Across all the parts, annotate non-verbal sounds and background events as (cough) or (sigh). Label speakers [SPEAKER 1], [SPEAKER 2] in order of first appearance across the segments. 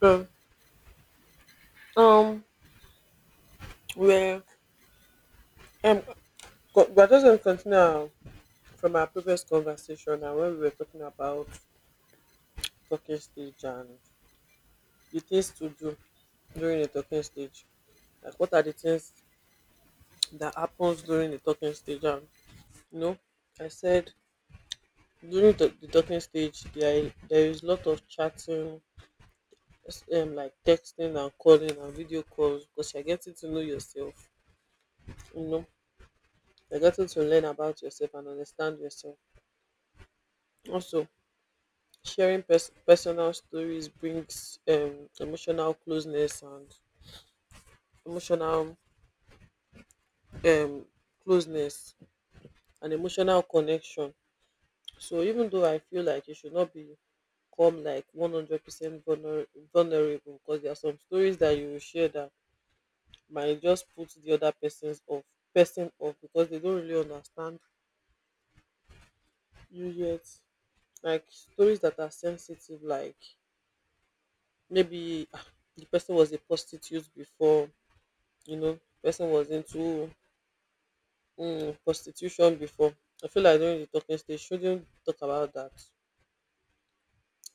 [SPEAKER 1] So, um, we're, um, we're just going to from our previous conversation and when we were talking about talking stage and the things to do during the talking stage. Like, what are the things that happens during the talking stage? You know, I said during the talking stage, there is lot of chatting, like texting and calling and video calls because you're getting to know yourself, you know, you're getting to learn about yourself and understand yourself. Also, Sharing personal stories brings emotional closeness and emotional um, closeness emotional connection. So even though I feel like you should not become like 100% vulnerable, because there are some stories that you will share that might just put the other person's off person off because they don't really understand you yet. Like stories that are sensitive, like maybe the person was a prostitute before, you know, person was into prostitution before. I feel like during the talking stage shouldn't talk about that,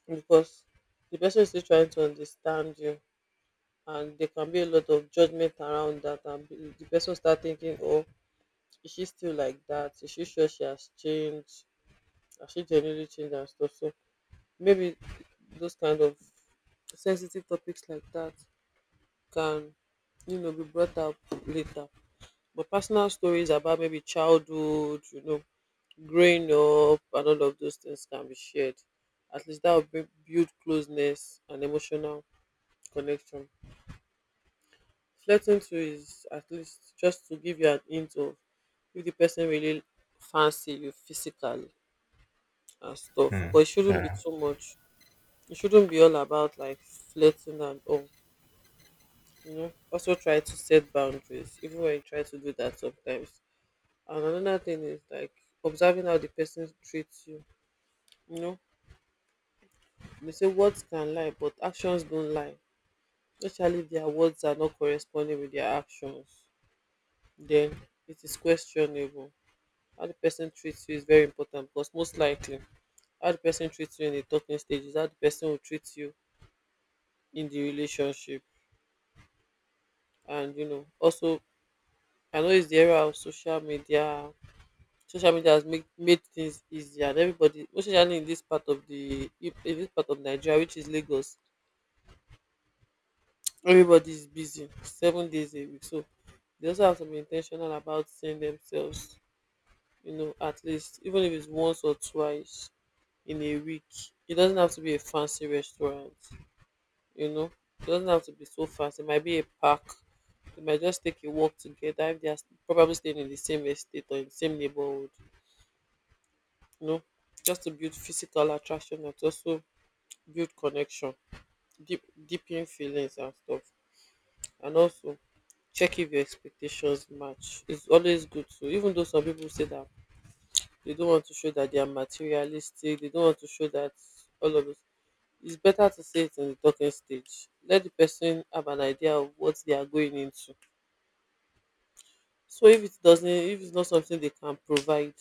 [SPEAKER 1] because the person is still trying to understand you, and there can be a lot of judgment around that, and the person start thinking, oh, is she still like that, is she sure she has changed, has she genuinely changed and stuff. So maybe those kind of sensitive topics like that can, you know, be brought up later. But personal stories about maybe childhood, you know, growing up and all of those things can be shared. At least that will build closeness and emotional connection. Flirting too is at least just to give you an hint of if the person really fancy you physically and stuff.
[SPEAKER 2] Hmm.
[SPEAKER 1] But it shouldn't be
[SPEAKER 2] Yeah.
[SPEAKER 1] too much. It shouldn't be all about like flirting and all. You know, also try to set boundaries, even when you try to do that sometimes. And another thing is like observing how the person treats you. You know, be say words can lie but actions dont lie, especially if dia words are not corresponding with dia actions, den it is questionable. How di person treats you is very important, because most likely how di person treats you in di talking stage is how di person will treat you in di relationship. And you know also, I know its di era of social media. Social media has make made things easier, and everybody, especially in dis part of di in dis part of Nigeria, which is Lagos, everybody is busy 7 days a week. So they also have to be intentional about seeing themselves, you know, at least even if it's once or twice in a week. It doesn't have to be a fancy restaurant, you know, it doesn't have to be so fancy. It might be a park, they might just take a walk together if they are probably staying in the same estate or in the same neighborhood, you know, just to build physical attraction but also build connection, deepen feelings and stuff. And also check if your expectations match. It's always good to, even though some people say that they don't want to show that they are materialistic, they don't want to show that, all of this, it's better to say it in the talking stage, let the person have an idea of what they are going into. So if it doesn't, if it's not something they can provide,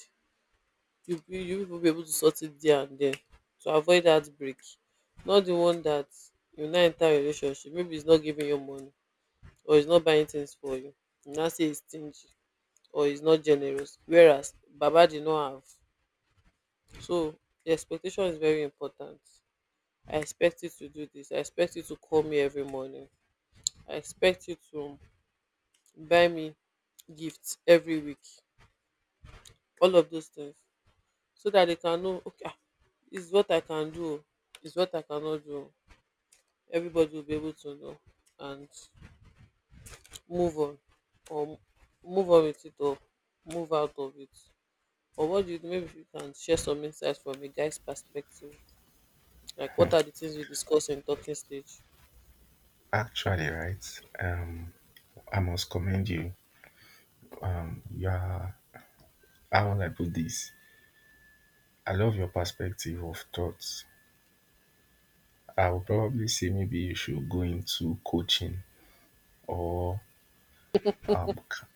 [SPEAKER 1] you will be able to sort it there and then, to avoid heartbreak. Not the one that you now enter a relationship, maybe it's not giving you money or it's not buying things for you, you now say it's stingy or is not generous, whereas baba did not have. So the expectation is very important. I expect you to do this, I expect you to call me every morning, I expect you to buy me gifts every week, all of those things, so that they can know, okay, ah, is what I can do, it's what I cannot do. Everybody will be able to know and move on, or move on with it, or move out of it. Or what do you do? Maybe you can share some insights from a guy's perspective. Like, what are the things you discuss in talking stage?
[SPEAKER 2] Actually, right. I must commend you. You are how will I put this? I love your perspective of thoughts. I would probably say maybe you should go into coaching or um c-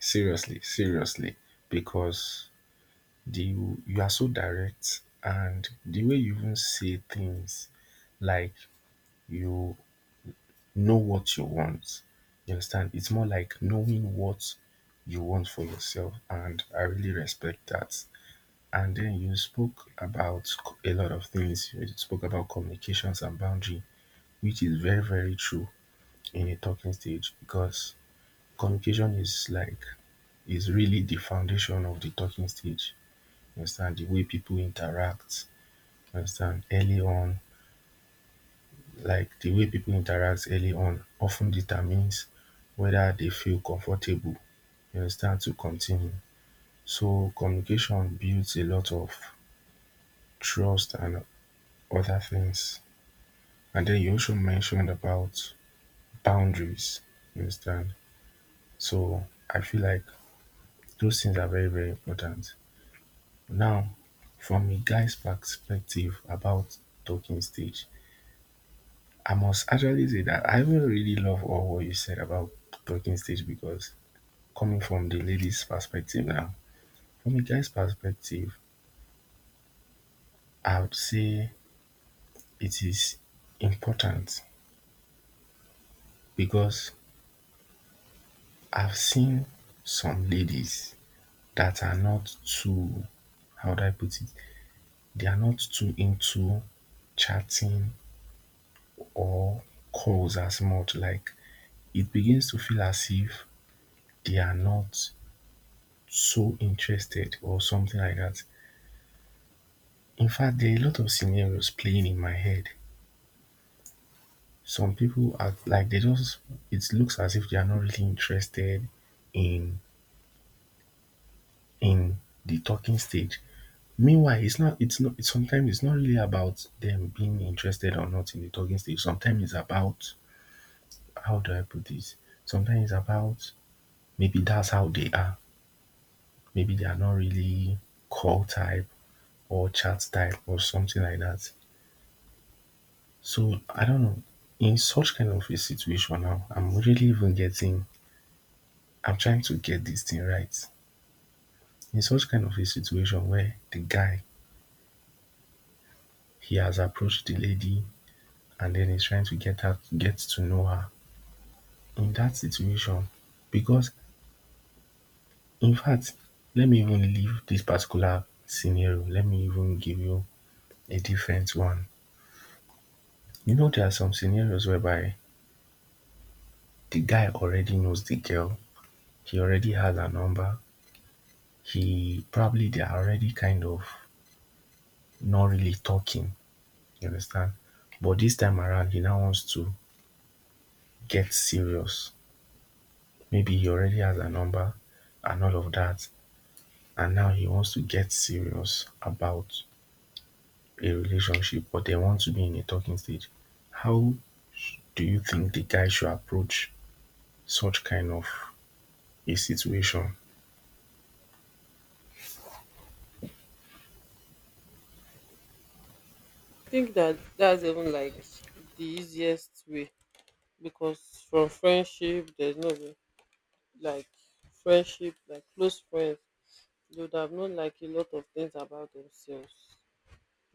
[SPEAKER 2] seriously, seriously, because the you are so direct and the way you even say things like you know what you want. You understand? It's more like knowing what you want for yourself, and I really respect that. And then you spoke about a lot of things. You spoke about communications and boundary, which is very, very true in a talking stage because communication is like is really the foundation of the talking stage. You understand the way people interact. You understand early on, like the way people interact early on often determines whether they feel comfortable, you understand, to continue. So communication builds a lot of trust and other things. And then you also mentioned about boundaries. You understand? So I feel like those things are very, very important. Now, from a guy's perspective about talking stage, I must actually say that I even really love all what you said about talking stage because coming from the lady's perspective now, from a guy's perspective, I would say it is important because I've seen some ladies that are not too, how would I put it, they are not too into chatting or calls as much. Like it begins to feel as if they are not so interested or something like that. In fact, there are a lot of scenarios playing in my head. Some people act like they just, it looks as if they are not really interested in in the talking stage. Meanwhile, it's not it's not it's sometimes it's not really about them being interested or not in the talking stage. Sometimes it's about, how do I put this, sometimes it's about maybe that's how they are. Maybe they are not really call type or chat type or something like that. So I don't know, in such kind of a situation, now I'm really even getting, I'm trying to get this thing right, in such kind of a situation where the guy, he has approached the lady and then he's trying to get her, get to know her, in that situation, because in fact, let me even leave this particular scenario, let me even give you a different one. You know, there are some scenarios whereby the guy already knows the girl, he already has her number, he probably, they are already kind of not really talking, you understand, but this time around he now wants to get serious. Maybe he already has a number and all of that, and now he wants to get serious about a relationship, but they want to be in a talking stage. How do you think the guy should approach such kind of a situation?
[SPEAKER 1] I think that that's even like the easiest way, because from friendship there's no way, like friendship like close friends, they would have known like a lot of things about themselves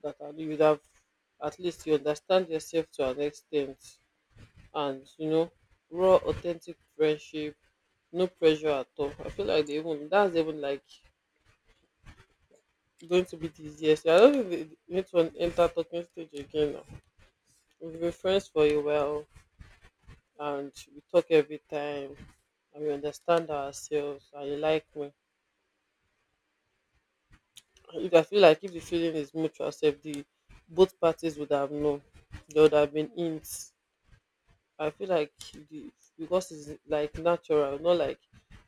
[SPEAKER 1] that are, you would have, at least you understand yourself to an extent, and you know, raw authentic friendship, no pressure at all. I feel like they even that's even like going to be the easiest. I don't think they need to enter talking stage again now. We've been friends for a while and we talk every time and we understand ourselves and you like me. If I feel like if the feeling is mutual self, the both parties would have known. There would have been hints. I feel like the, because it's like natural, not like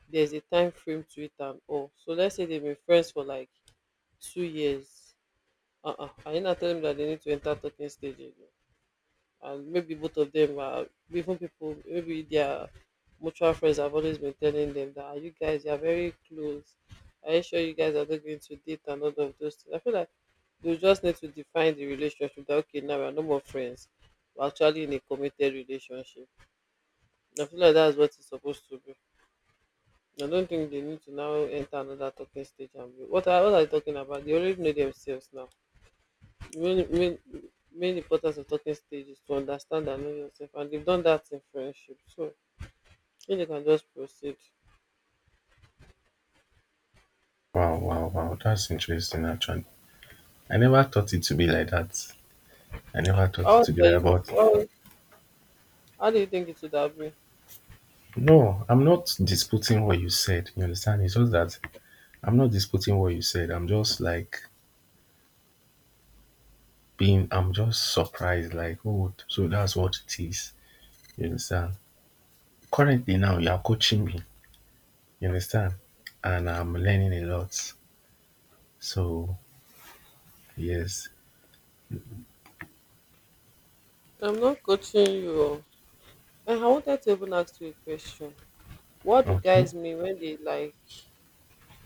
[SPEAKER 1] there's a time frame to it and all. So let's say they've been friends for like 2 years. Are you not telling me that they need to enter talking stage again? And maybe both of them are, even people maybe their mutual friends have always been telling them that, "Ah, you guys you are very close, are you sure you guys are not going to date," and all of those things. I feel like they just need to define the relationship, that okay, now we're no more friends, we're actually in a committed relationship. I feel like that's what it's supposed to be. I don't think they need to now enter another talking stage and be, what are they talking about, they already know themselves now. Really, main importance of talking stage is to understand and know yourself, and they've done that in friendship. So if they can just proceed.
[SPEAKER 2] Wow, wow, wow. That's interesting, actually. I never thought it to be like that. I never thought it
[SPEAKER 1] How
[SPEAKER 2] to be like
[SPEAKER 1] to,
[SPEAKER 2] that.
[SPEAKER 1] well, how do you think it would have been?
[SPEAKER 2] But no, I'm not disputing what you said. You understand? It's just that I'm not disputing what you said. I'm just like being, I'm just surprised, like, oh, so that's what it is. You understand? Currently now you are coaching me, you understand? And I'm learning a lot. So yes.
[SPEAKER 1] I'm not coaching you. And I wanted to even ask you a question. What do
[SPEAKER 2] Okay.
[SPEAKER 1] guys mean when they like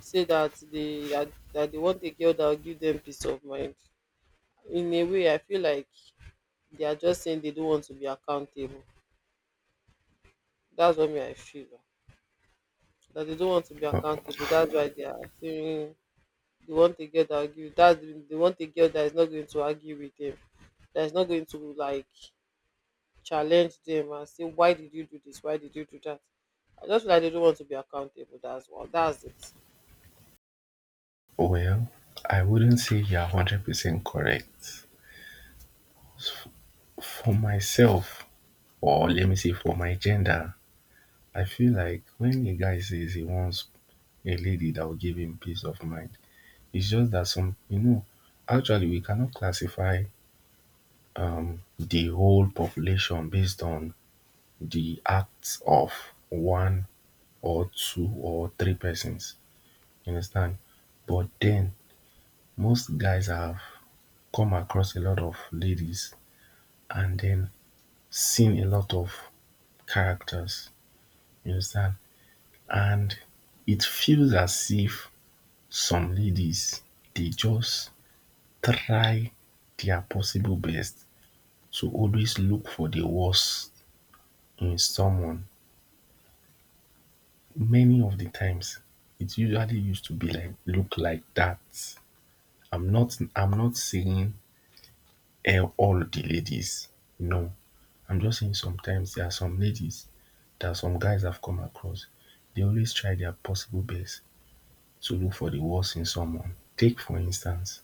[SPEAKER 1] say that that they want a girl that will give them peace of mind? In a way, I feel like they are just saying they don't want to be accountable. That's what me I feel. That they don't want to be accountable. That's why they are saying, they want a girl that will give you, that they want a girl that is not going to argue with them, that is not going to like challenge them and say why did you do this, why did you do that. I just feel like they don't want to be accountable. That's what, that's it.
[SPEAKER 2] Well, well, I wouldn't say you're 100% correct. For myself, or let me say for my gender, I feel like when a guy says he wants a lady that will give him peace of mind. It's just that some, you know, actually we cannot classify the whole population based on the acts of one or two or three persons. You understand? But then most guys have come across a lot of ladies and then seen a lot of characters. You understand? And it feels as if some ladies, they just try their possible best to always look for the worst in someone. Many of the times it usually used to be like look like that. I'm not saying, eh, all the ladies. No. I'm just saying sometimes there are some ladies that some guys have come across. They always try their possible best to look for the worst in someone. Take for instance,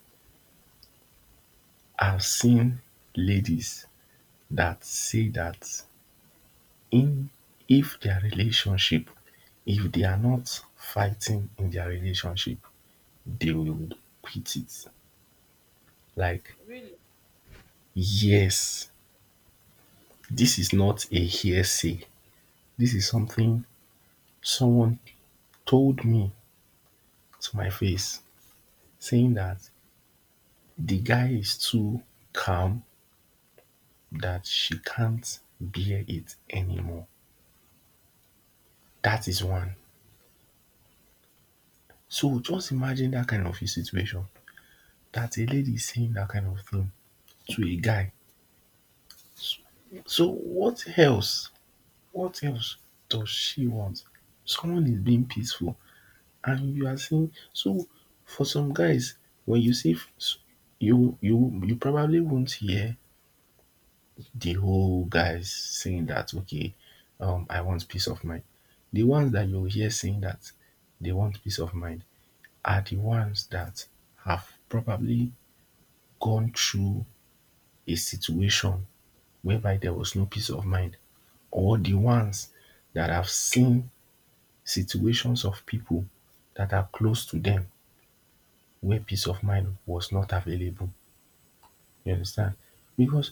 [SPEAKER 2] I've seen ladies that say that in if their relationship, if they are not fighting in their relationship, they will quit it, like,
[SPEAKER 1] Really?
[SPEAKER 2] yes. This is not a hearsay, this is something someone told me to my face, saying that the guy is too calm, that she can't bear it anymore. That is one. So just imagine that kind of a situation, that a lady is saying that kind of thing to a guy. So what else? What else does she want? Someone is being peaceful and you are saying so. For some guys, when you see f- s- you probably won't hear the whole guys saying that, okay, um, I want peace of mind. The ones that you'll hear saying that they want peace of mind are the ones that have probably gone through a situation whereby there was no peace of mind, or the ones that have seen situations of people that are close to them where peace of mind was not available. You understand? Because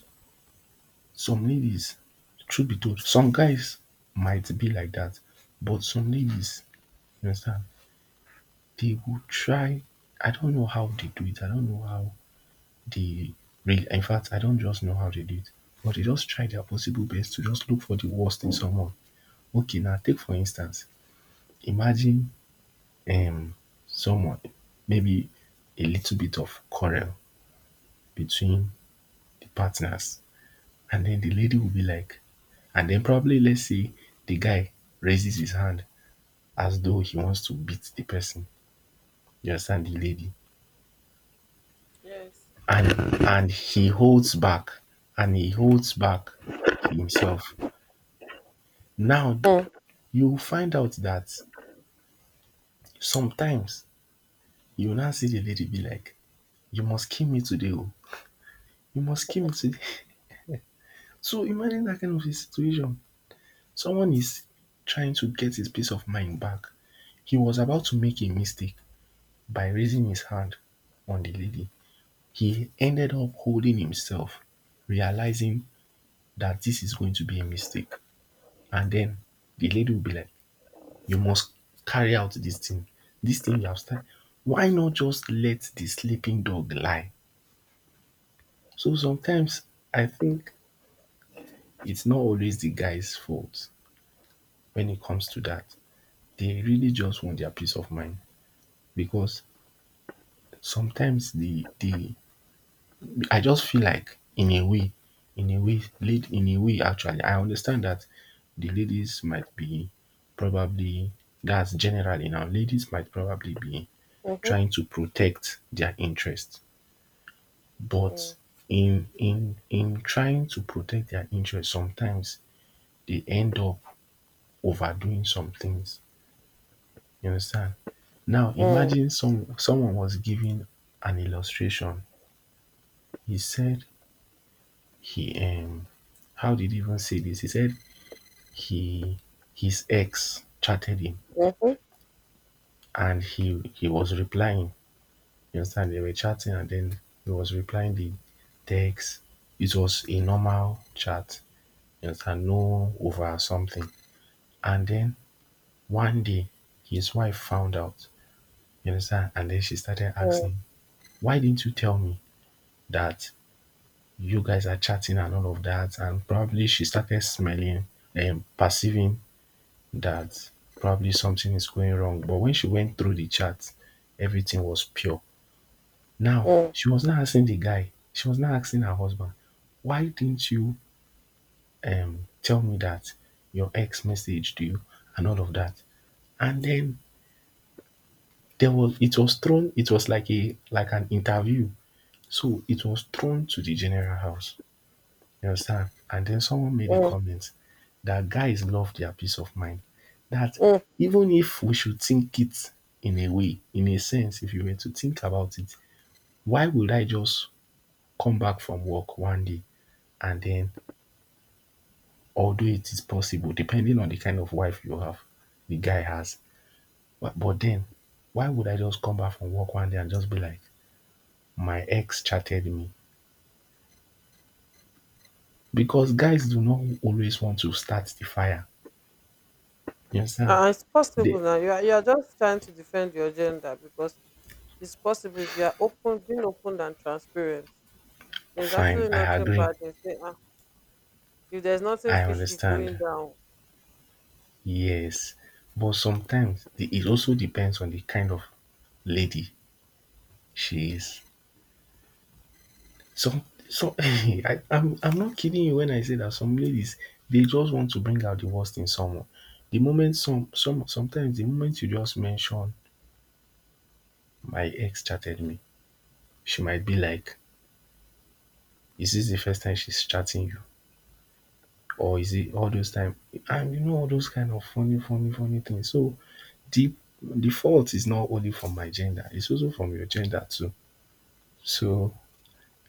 [SPEAKER 2] some ladies, truth be told, some guys might be like that, but some ladies, you understand, they will try. I don't know how they do it. I don't know how they really, in fact, I don't just know how they do it, but they just try their possible best to just look for the worst in someone. Okay, now take for instance, imagine, um, someone, maybe a little bit of quarrel between the partners, and then the lady will be like, and then probably let's say the guy raises his hand as though he wants to beat the person, you understand, the lady,
[SPEAKER 1] Yes.
[SPEAKER 2] and he holds back, and he holds back himself. Now
[SPEAKER 1] Mm,
[SPEAKER 2] you find out that sometimes you now see the lady be like, you must kill me today oh, you must kill me today. So imagine that kind of a situation. Someone is trying to get his peace of mind back. He was about to make a mistake by raising his hand on the lady. He ended up holding himself, realizing that this is going to be a mistake. And then the lady will be like, you must carry out this thing. This thing you have started. Why not just let the sleeping dog lie? So sometimes I think it's not always the guy's fault when it comes to that. They really just want their peace of mind because sometimes the I just feel like in a way, lead in a way actually, I understand that the ladies might be probably, that's generally now, ladies might probably be
[SPEAKER 1] mhm,
[SPEAKER 2] trying to protect their interest, but
[SPEAKER 1] mm,
[SPEAKER 2] in trying to protect their interest sometimes they end up overdoing some things. You understand? Now
[SPEAKER 1] mm,
[SPEAKER 2] imagine someone was giving an illustration. He said he, um, how did he even say this? He said he, his ex chatted him,
[SPEAKER 1] mhm,
[SPEAKER 2] and he was replying. You understand? They were chatting and then he was replying the text. It was a normal chat. You understand? No over something. And then one day his wife found out. You understand? And then she started
[SPEAKER 1] mm,
[SPEAKER 2] asking, why didn't you tell me that you guys are chatting and all of that, and probably she started smelling and perceiving that probably something is going wrong. But when she went through the chat, everything was pure. Now
[SPEAKER 1] mm,
[SPEAKER 2] she was not asking the guy, she was not asking her husband, why didn't you, um, tell me that your ex messaged you and all of that? And then there was, it was thrown, it was like a, like an interview, so it was thrown to the general house. You understand? And then someone made a
[SPEAKER 1] mm,
[SPEAKER 2] comment that guys love their peace of mind. That
[SPEAKER 1] mm.
[SPEAKER 2] even if we should think it, in a way, in a sense, if you were to think about it, why would I just come back from work one day and then, although it is possible, depending on the kind of wife you have, the guy has, but then why would I just come back from work one day and just be like, my ex chatted me? Because guys do not always want to start the fire. You understand?
[SPEAKER 1] It's
[SPEAKER 2] They,
[SPEAKER 1] possible now. You are just trying to defend your gender, because it's possible if you are open, being open and transparent. There's
[SPEAKER 2] fine,
[SPEAKER 1] actually
[SPEAKER 2] I
[SPEAKER 1] nothing
[SPEAKER 2] agree.
[SPEAKER 1] bad in saying, if there's nothing
[SPEAKER 2] I
[SPEAKER 1] fishy going
[SPEAKER 2] understand.
[SPEAKER 1] down.
[SPEAKER 2] Yes. But sometimes the, it also depends on the kind of lady she is. Some, so (laughs) I'm not kidding you when I say that some ladies they just want to bring out the worst in someone. The moment some sometimes the moment you just mention my ex chatted me, she might be like, is this the first time she's chatting you? Or is it all those time? And you know, all those kind of funny things. So the the fault is not only from my gender, it's also from your gender too. So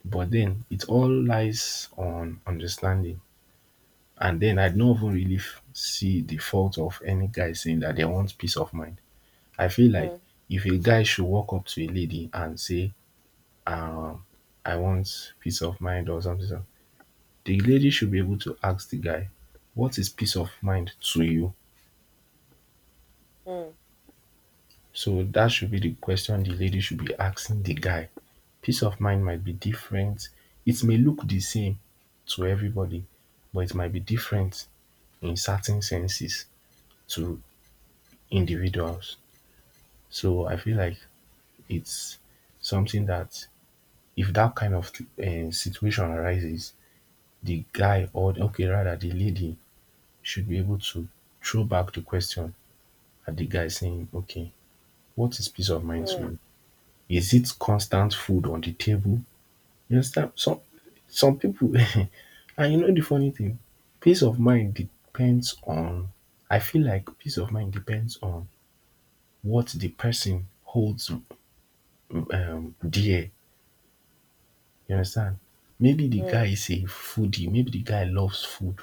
[SPEAKER 2] but then it all lies on understanding. And then I don't even really see the fault of any guy saying that they want peace of mind. I feel like
[SPEAKER 1] Mm,
[SPEAKER 2] if a guy should walk up to a lady and say, um I want peace of mind or something, the lady should be able to ask the guy, what is peace of mind to you?
[SPEAKER 1] mm,
[SPEAKER 2] So that should be the question the lady should be asking the guy. Peace of mind might be different. It may look the same to everybody, but it might be different in certain senses to individuals. So I feel like it's something that if that kind of situation arises, the guy or okay, rather the lady should be able to throw back the question at the guy saying, okay, what is peace of mind to you? Is it constant food on the table? You understand? Some people (laughs) and you know the funny thing, peace of mind depends on I feel like peace of mind depends on what the person holds dear. You understand? Maybe the guy
[SPEAKER 1] mm.
[SPEAKER 2] is a foodie, maybe the guy loves food.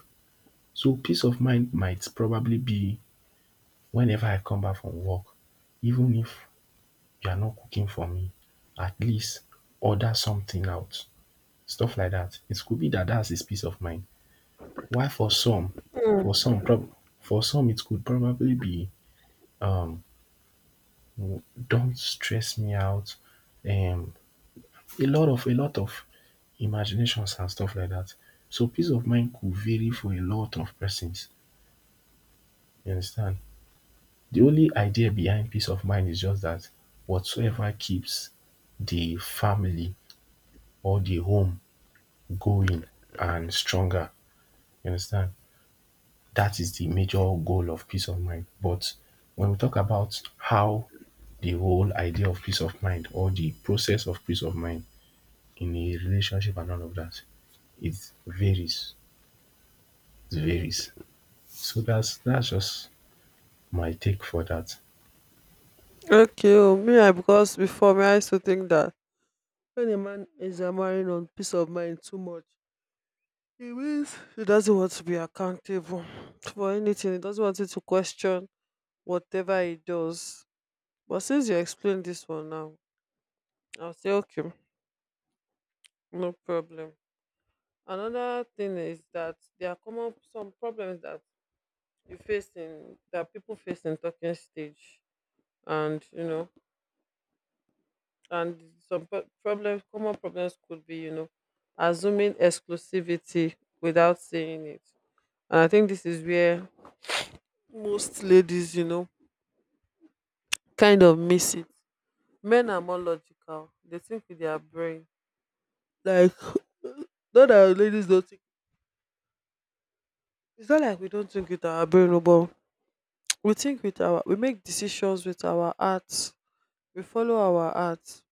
[SPEAKER 2] So peace of mind might probably be, whenever I come back from work, even if you are not cooking for me, at least order something out. Stuff like that. It could be that that's his peace of mind. While for some, for some prob, for some it could probably be, mm, don't stress me out, um a lot of imaginations and stuff like that. So peace of mind could vary for a lot of persons, you understand. The only idea behind peace of mind is just that whatsoever keeps the family or the home going and stronger, you understand. That is the major goal of peace of mind. But when we talk about how the whole idea of peace of mind or the process of peace of mind in a relationship and all of that, it varies. It varies. So that's just my take for that.
[SPEAKER 1] Okay, oh, me, I because before me, I used to think that when a man is marrying on peace of mind too much, he means he doesn't want to be accountable for anything. He doesn't want you to question whatever he does. But since you explained this one now, I'll say okay, no problem. Another thing is that there are common some problems that you face in that people face in talking stage, and you know, and some pro- problems common problems could be, you know, assuming exclusivity without saying it. And I think this is where most ladies, you know, kind of miss it. Men are more logical, they think with their brain, like, (laughs) not that ladies don't think, it's not like we don't think with our brain oh, but we think with our, we make decisions with our hearts, we follow our hearts.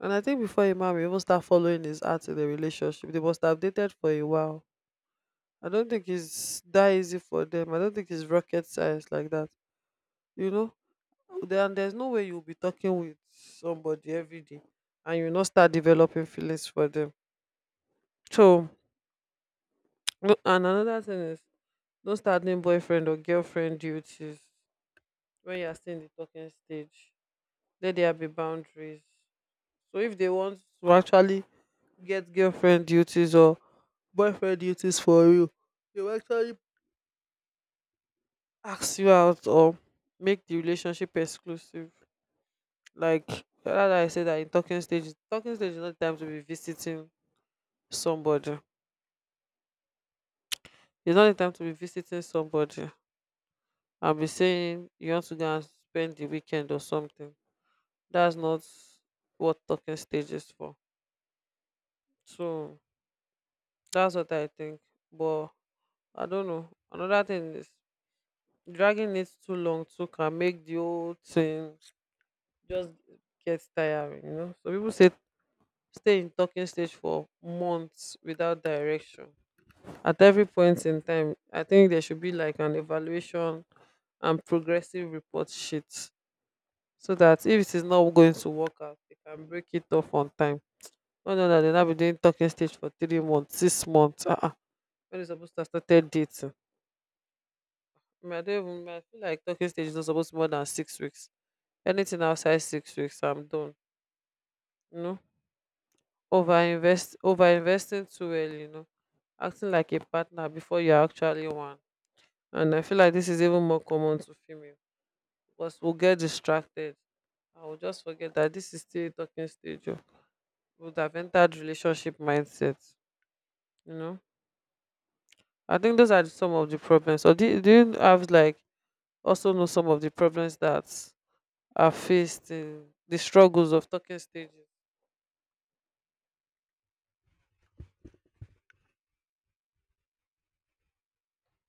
[SPEAKER 1] And I think before a man will even start following his heart in the relationship, they must have dated for a while. I don't think it's that easy for them. I don't think it's rocket science like that. You know, there's no way you'll be talking with somebody every day and you not start developing feelings for them. So, no- and another thing is, don't start doing boyfriend or girlfriend duties when you are still in the talking stage. Let there be boundaries. So if they want to actually get girlfriend duties or boyfriend duties for you, they will actually ask you out or make the relationship exclusive. Like rather I say that in talking stage is not the time to be visiting somebody. It's not the time to be visiting somebody. I'll be saying you want to go and spend the weekend or something. That's not what talking stage is for. So that's what I think. But I don't know. Another thing is dragging it too long too can make the whole thing just get tiring, you know. So people say stay in talking stage for months without direction. At every point in time, I think there should be like an evaluation and progressive report sheet so that if it is not going to work out, they can break it off on time. No, no, no, they'll not be doing talking stage for 3 months, 6 months. Uh-uh. When it's supposed to have started dating. I, mean, I don't even I feel like talking stage is not supposed to be more than 6 weeks. Anything outside 6 weeks, I'm done. You know? Over investing too early, you know. Acting like a partner before you're actually one. And I feel like this is even more common to female. Plus, we'll get distracted. I will just forget that this is still a talking stage. Oh, we would have entered relationship mindset. You know, I think those are some of the problems. Or do you have like also know some of the problems that are faced in the struggles of talking stages?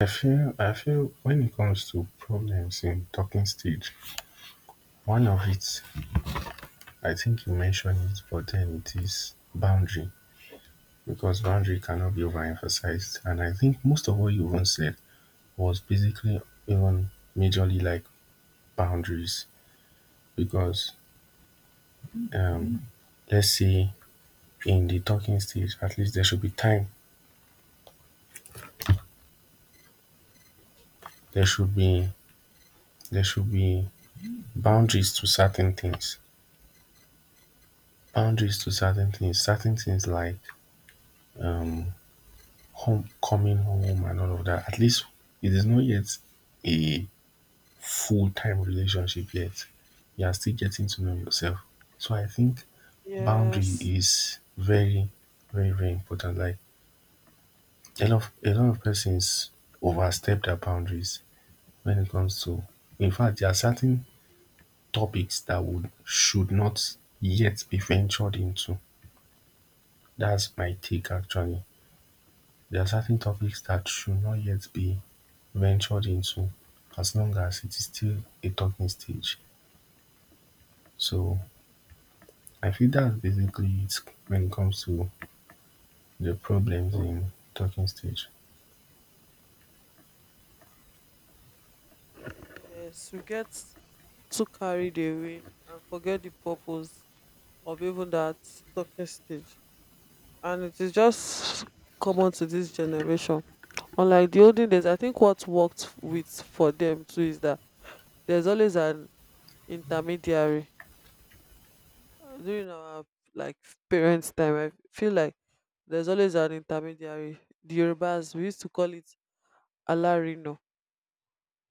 [SPEAKER 2] I feel when it comes to problems in talking stage, one of it, I think you mentioned it, but then it is boundary, because boundary cannot be overemphasized. And I think most of what you even said was basically even majorly like boundaries. Because um, let's say in the talking stage, at least there should be time, there should be there should be boundaries to certain things, boundaries to certain things like home coming home and all of that. At least it is not yet a full-time relationship yet, you are still getting to know yourself. So I think boundary
[SPEAKER 1] Yes,
[SPEAKER 2] is very, very important. Like a lot of persons overstep their boundaries when it comes to, in fact, there are certain topics that would should not yet be ventured into. That's my take actually. There are certain topics that should not yet be ventured into as long as it is still a talking stage. So I feel that's basically it when it comes to the problems in talking stage.
[SPEAKER 1] yes, we get too carried away and forget the purpose of even that talking stage. And it is just common to this generation. Unlike the olden days, I think what worked with for them too is that there's always an intermediary. During our like parents' time. I feel like there's always an intermediary. The Yorubas we used to call it alarino.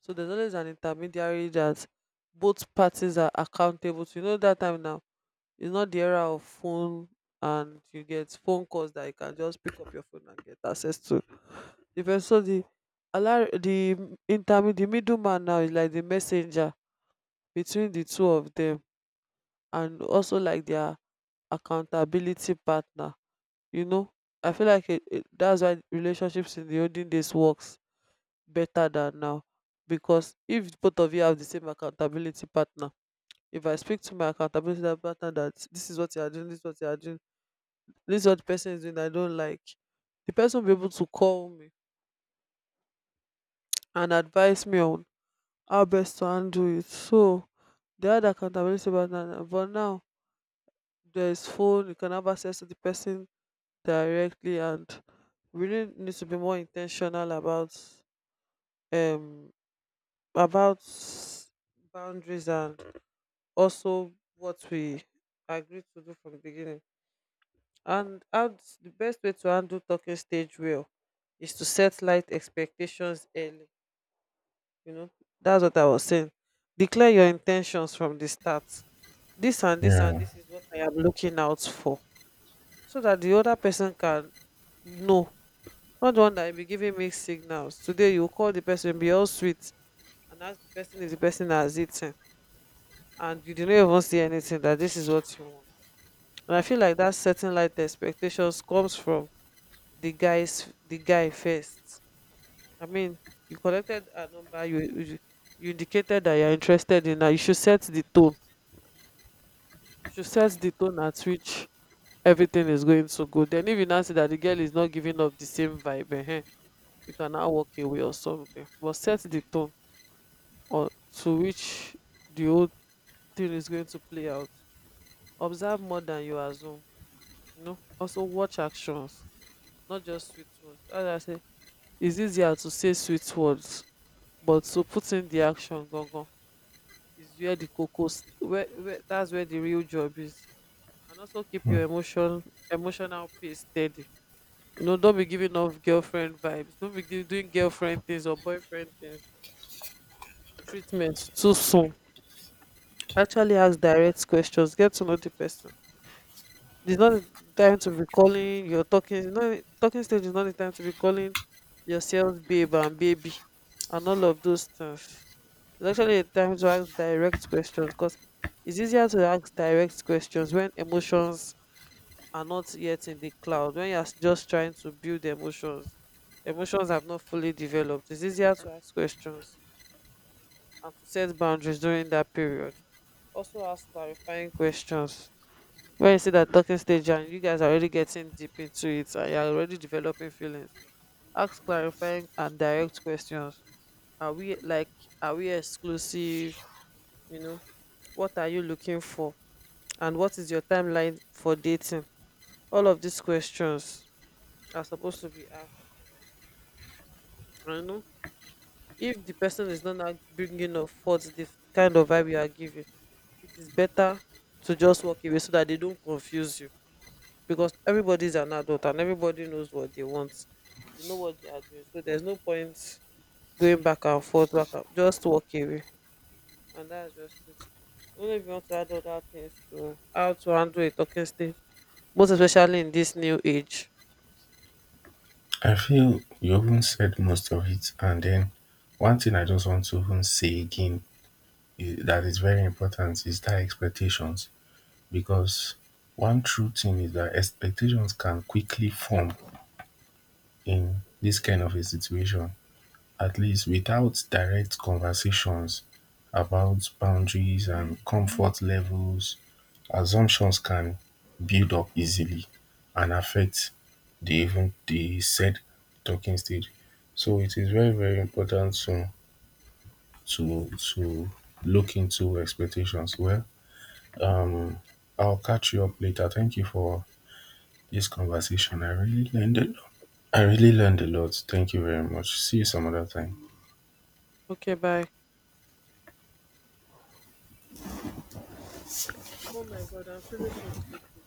[SPEAKER 1] So there's always an intermediary that both parties are accountable to. You know that time now it's not the era of phone and you get phone calls that you can just pick up your phone and get access to. The first, so the allow the intermediate, the middleman now is like the messenger between the two of them, and also like their accountability partner. You know, I feel like that's why relationships in the olden days works better than now, because if both of you have the same accountability partner, if I speak to my accountability partner that this is what you are doing, this is what you are doing, this is what the person is doing, I don't like, the person will be able to call me and advise me on how best to handle it. So they had accountability but now there is phone, you can have access to the person directly, and we really need to be more intentional um about boundaries and also what we agreed to do from the beginning. And the best way to handle talking stage well is to set light expectations early. You know, that's what I was saying. Declare your intentions from the start, this and this and
[SPEAKER 2] Yeah,
[SPEAKER 1] this is what I am looking out for, so that the other person can know. Not the one that be giving mixed signals. Today you call the person, be all sweet, and ask the person if the person has eaten, and you didn't even see anything that this is what you want. And I feel like that setting light expectations comes from the guy first. I mean, you collected a number, you indicated that you're interested in her. You should set the tone. You should set the tone at which everything is going so good, then if you now see that the girl is not giving off the same vibe ehen, you can now walk away or something, but set the tone or to which the whole thing is going to play out. Observe more than you assume, you know. Also watch actions, not just sweet words. As I say, it's easier to say sweet words, but to put in the action gangan is where the cocoa, where that's where the real job is. And also keep your emotional pace steady, you know. Don't be giving off girlfriend vibes, don't be gi- doing girlfriend things or boyfriend things treatment too soon. Actually ask direct questions, get to know the person. It's not the time to be calling your talking, you know, talking stage is not the time to be calling yourselves babe and baby and all of those things. It's actually a time to ask direct questions, because it's easier to ask direct questions when emotions are not yet in the cloud. When you're just trying to build emotions, emotions have not fully developed, it's easier to ask questions and to set boundaries during that period. Also ask clarifying questions. When you see that talking stage and you guys are already getting deep into it and you're already developing feelings, ask clarifying and direct questions. Are we like, are we exclusive, you know, what are you looking for, and what is your timeline for dating? All of these questions are supposed to be asked. I know. If the person is not like bringing up forth the kind of vibe you are giving, it is better to just walk away so that they don't confuse you. Because everybody is an adult and everybody knows what they want. They know what they are doing. So there's no point going back and forth, back, and just walk away. And that's just it. I don't know if you want to add other things to how to handle a talking stage, most especially in this new age.
[SPEAKER 2] I feel you even said most of it. And then one thing I just want to even say again that is very important is that expectations. Because one true thing is that expectations can quickly form in this kind of a situation. At least without direct conversations about boundaries and comfort levels, assumptions can build up easily and affect the even the said talking stage. So it is very, very important to to to look into expectations. Well, I'll catch you up later. Thank you for this conversation, I really learned a lot. I really learned a lot. Thank you very much, see you some other time.
[SPEAKER 1] Okay, bye. Oh my god, I'm feeling so sick.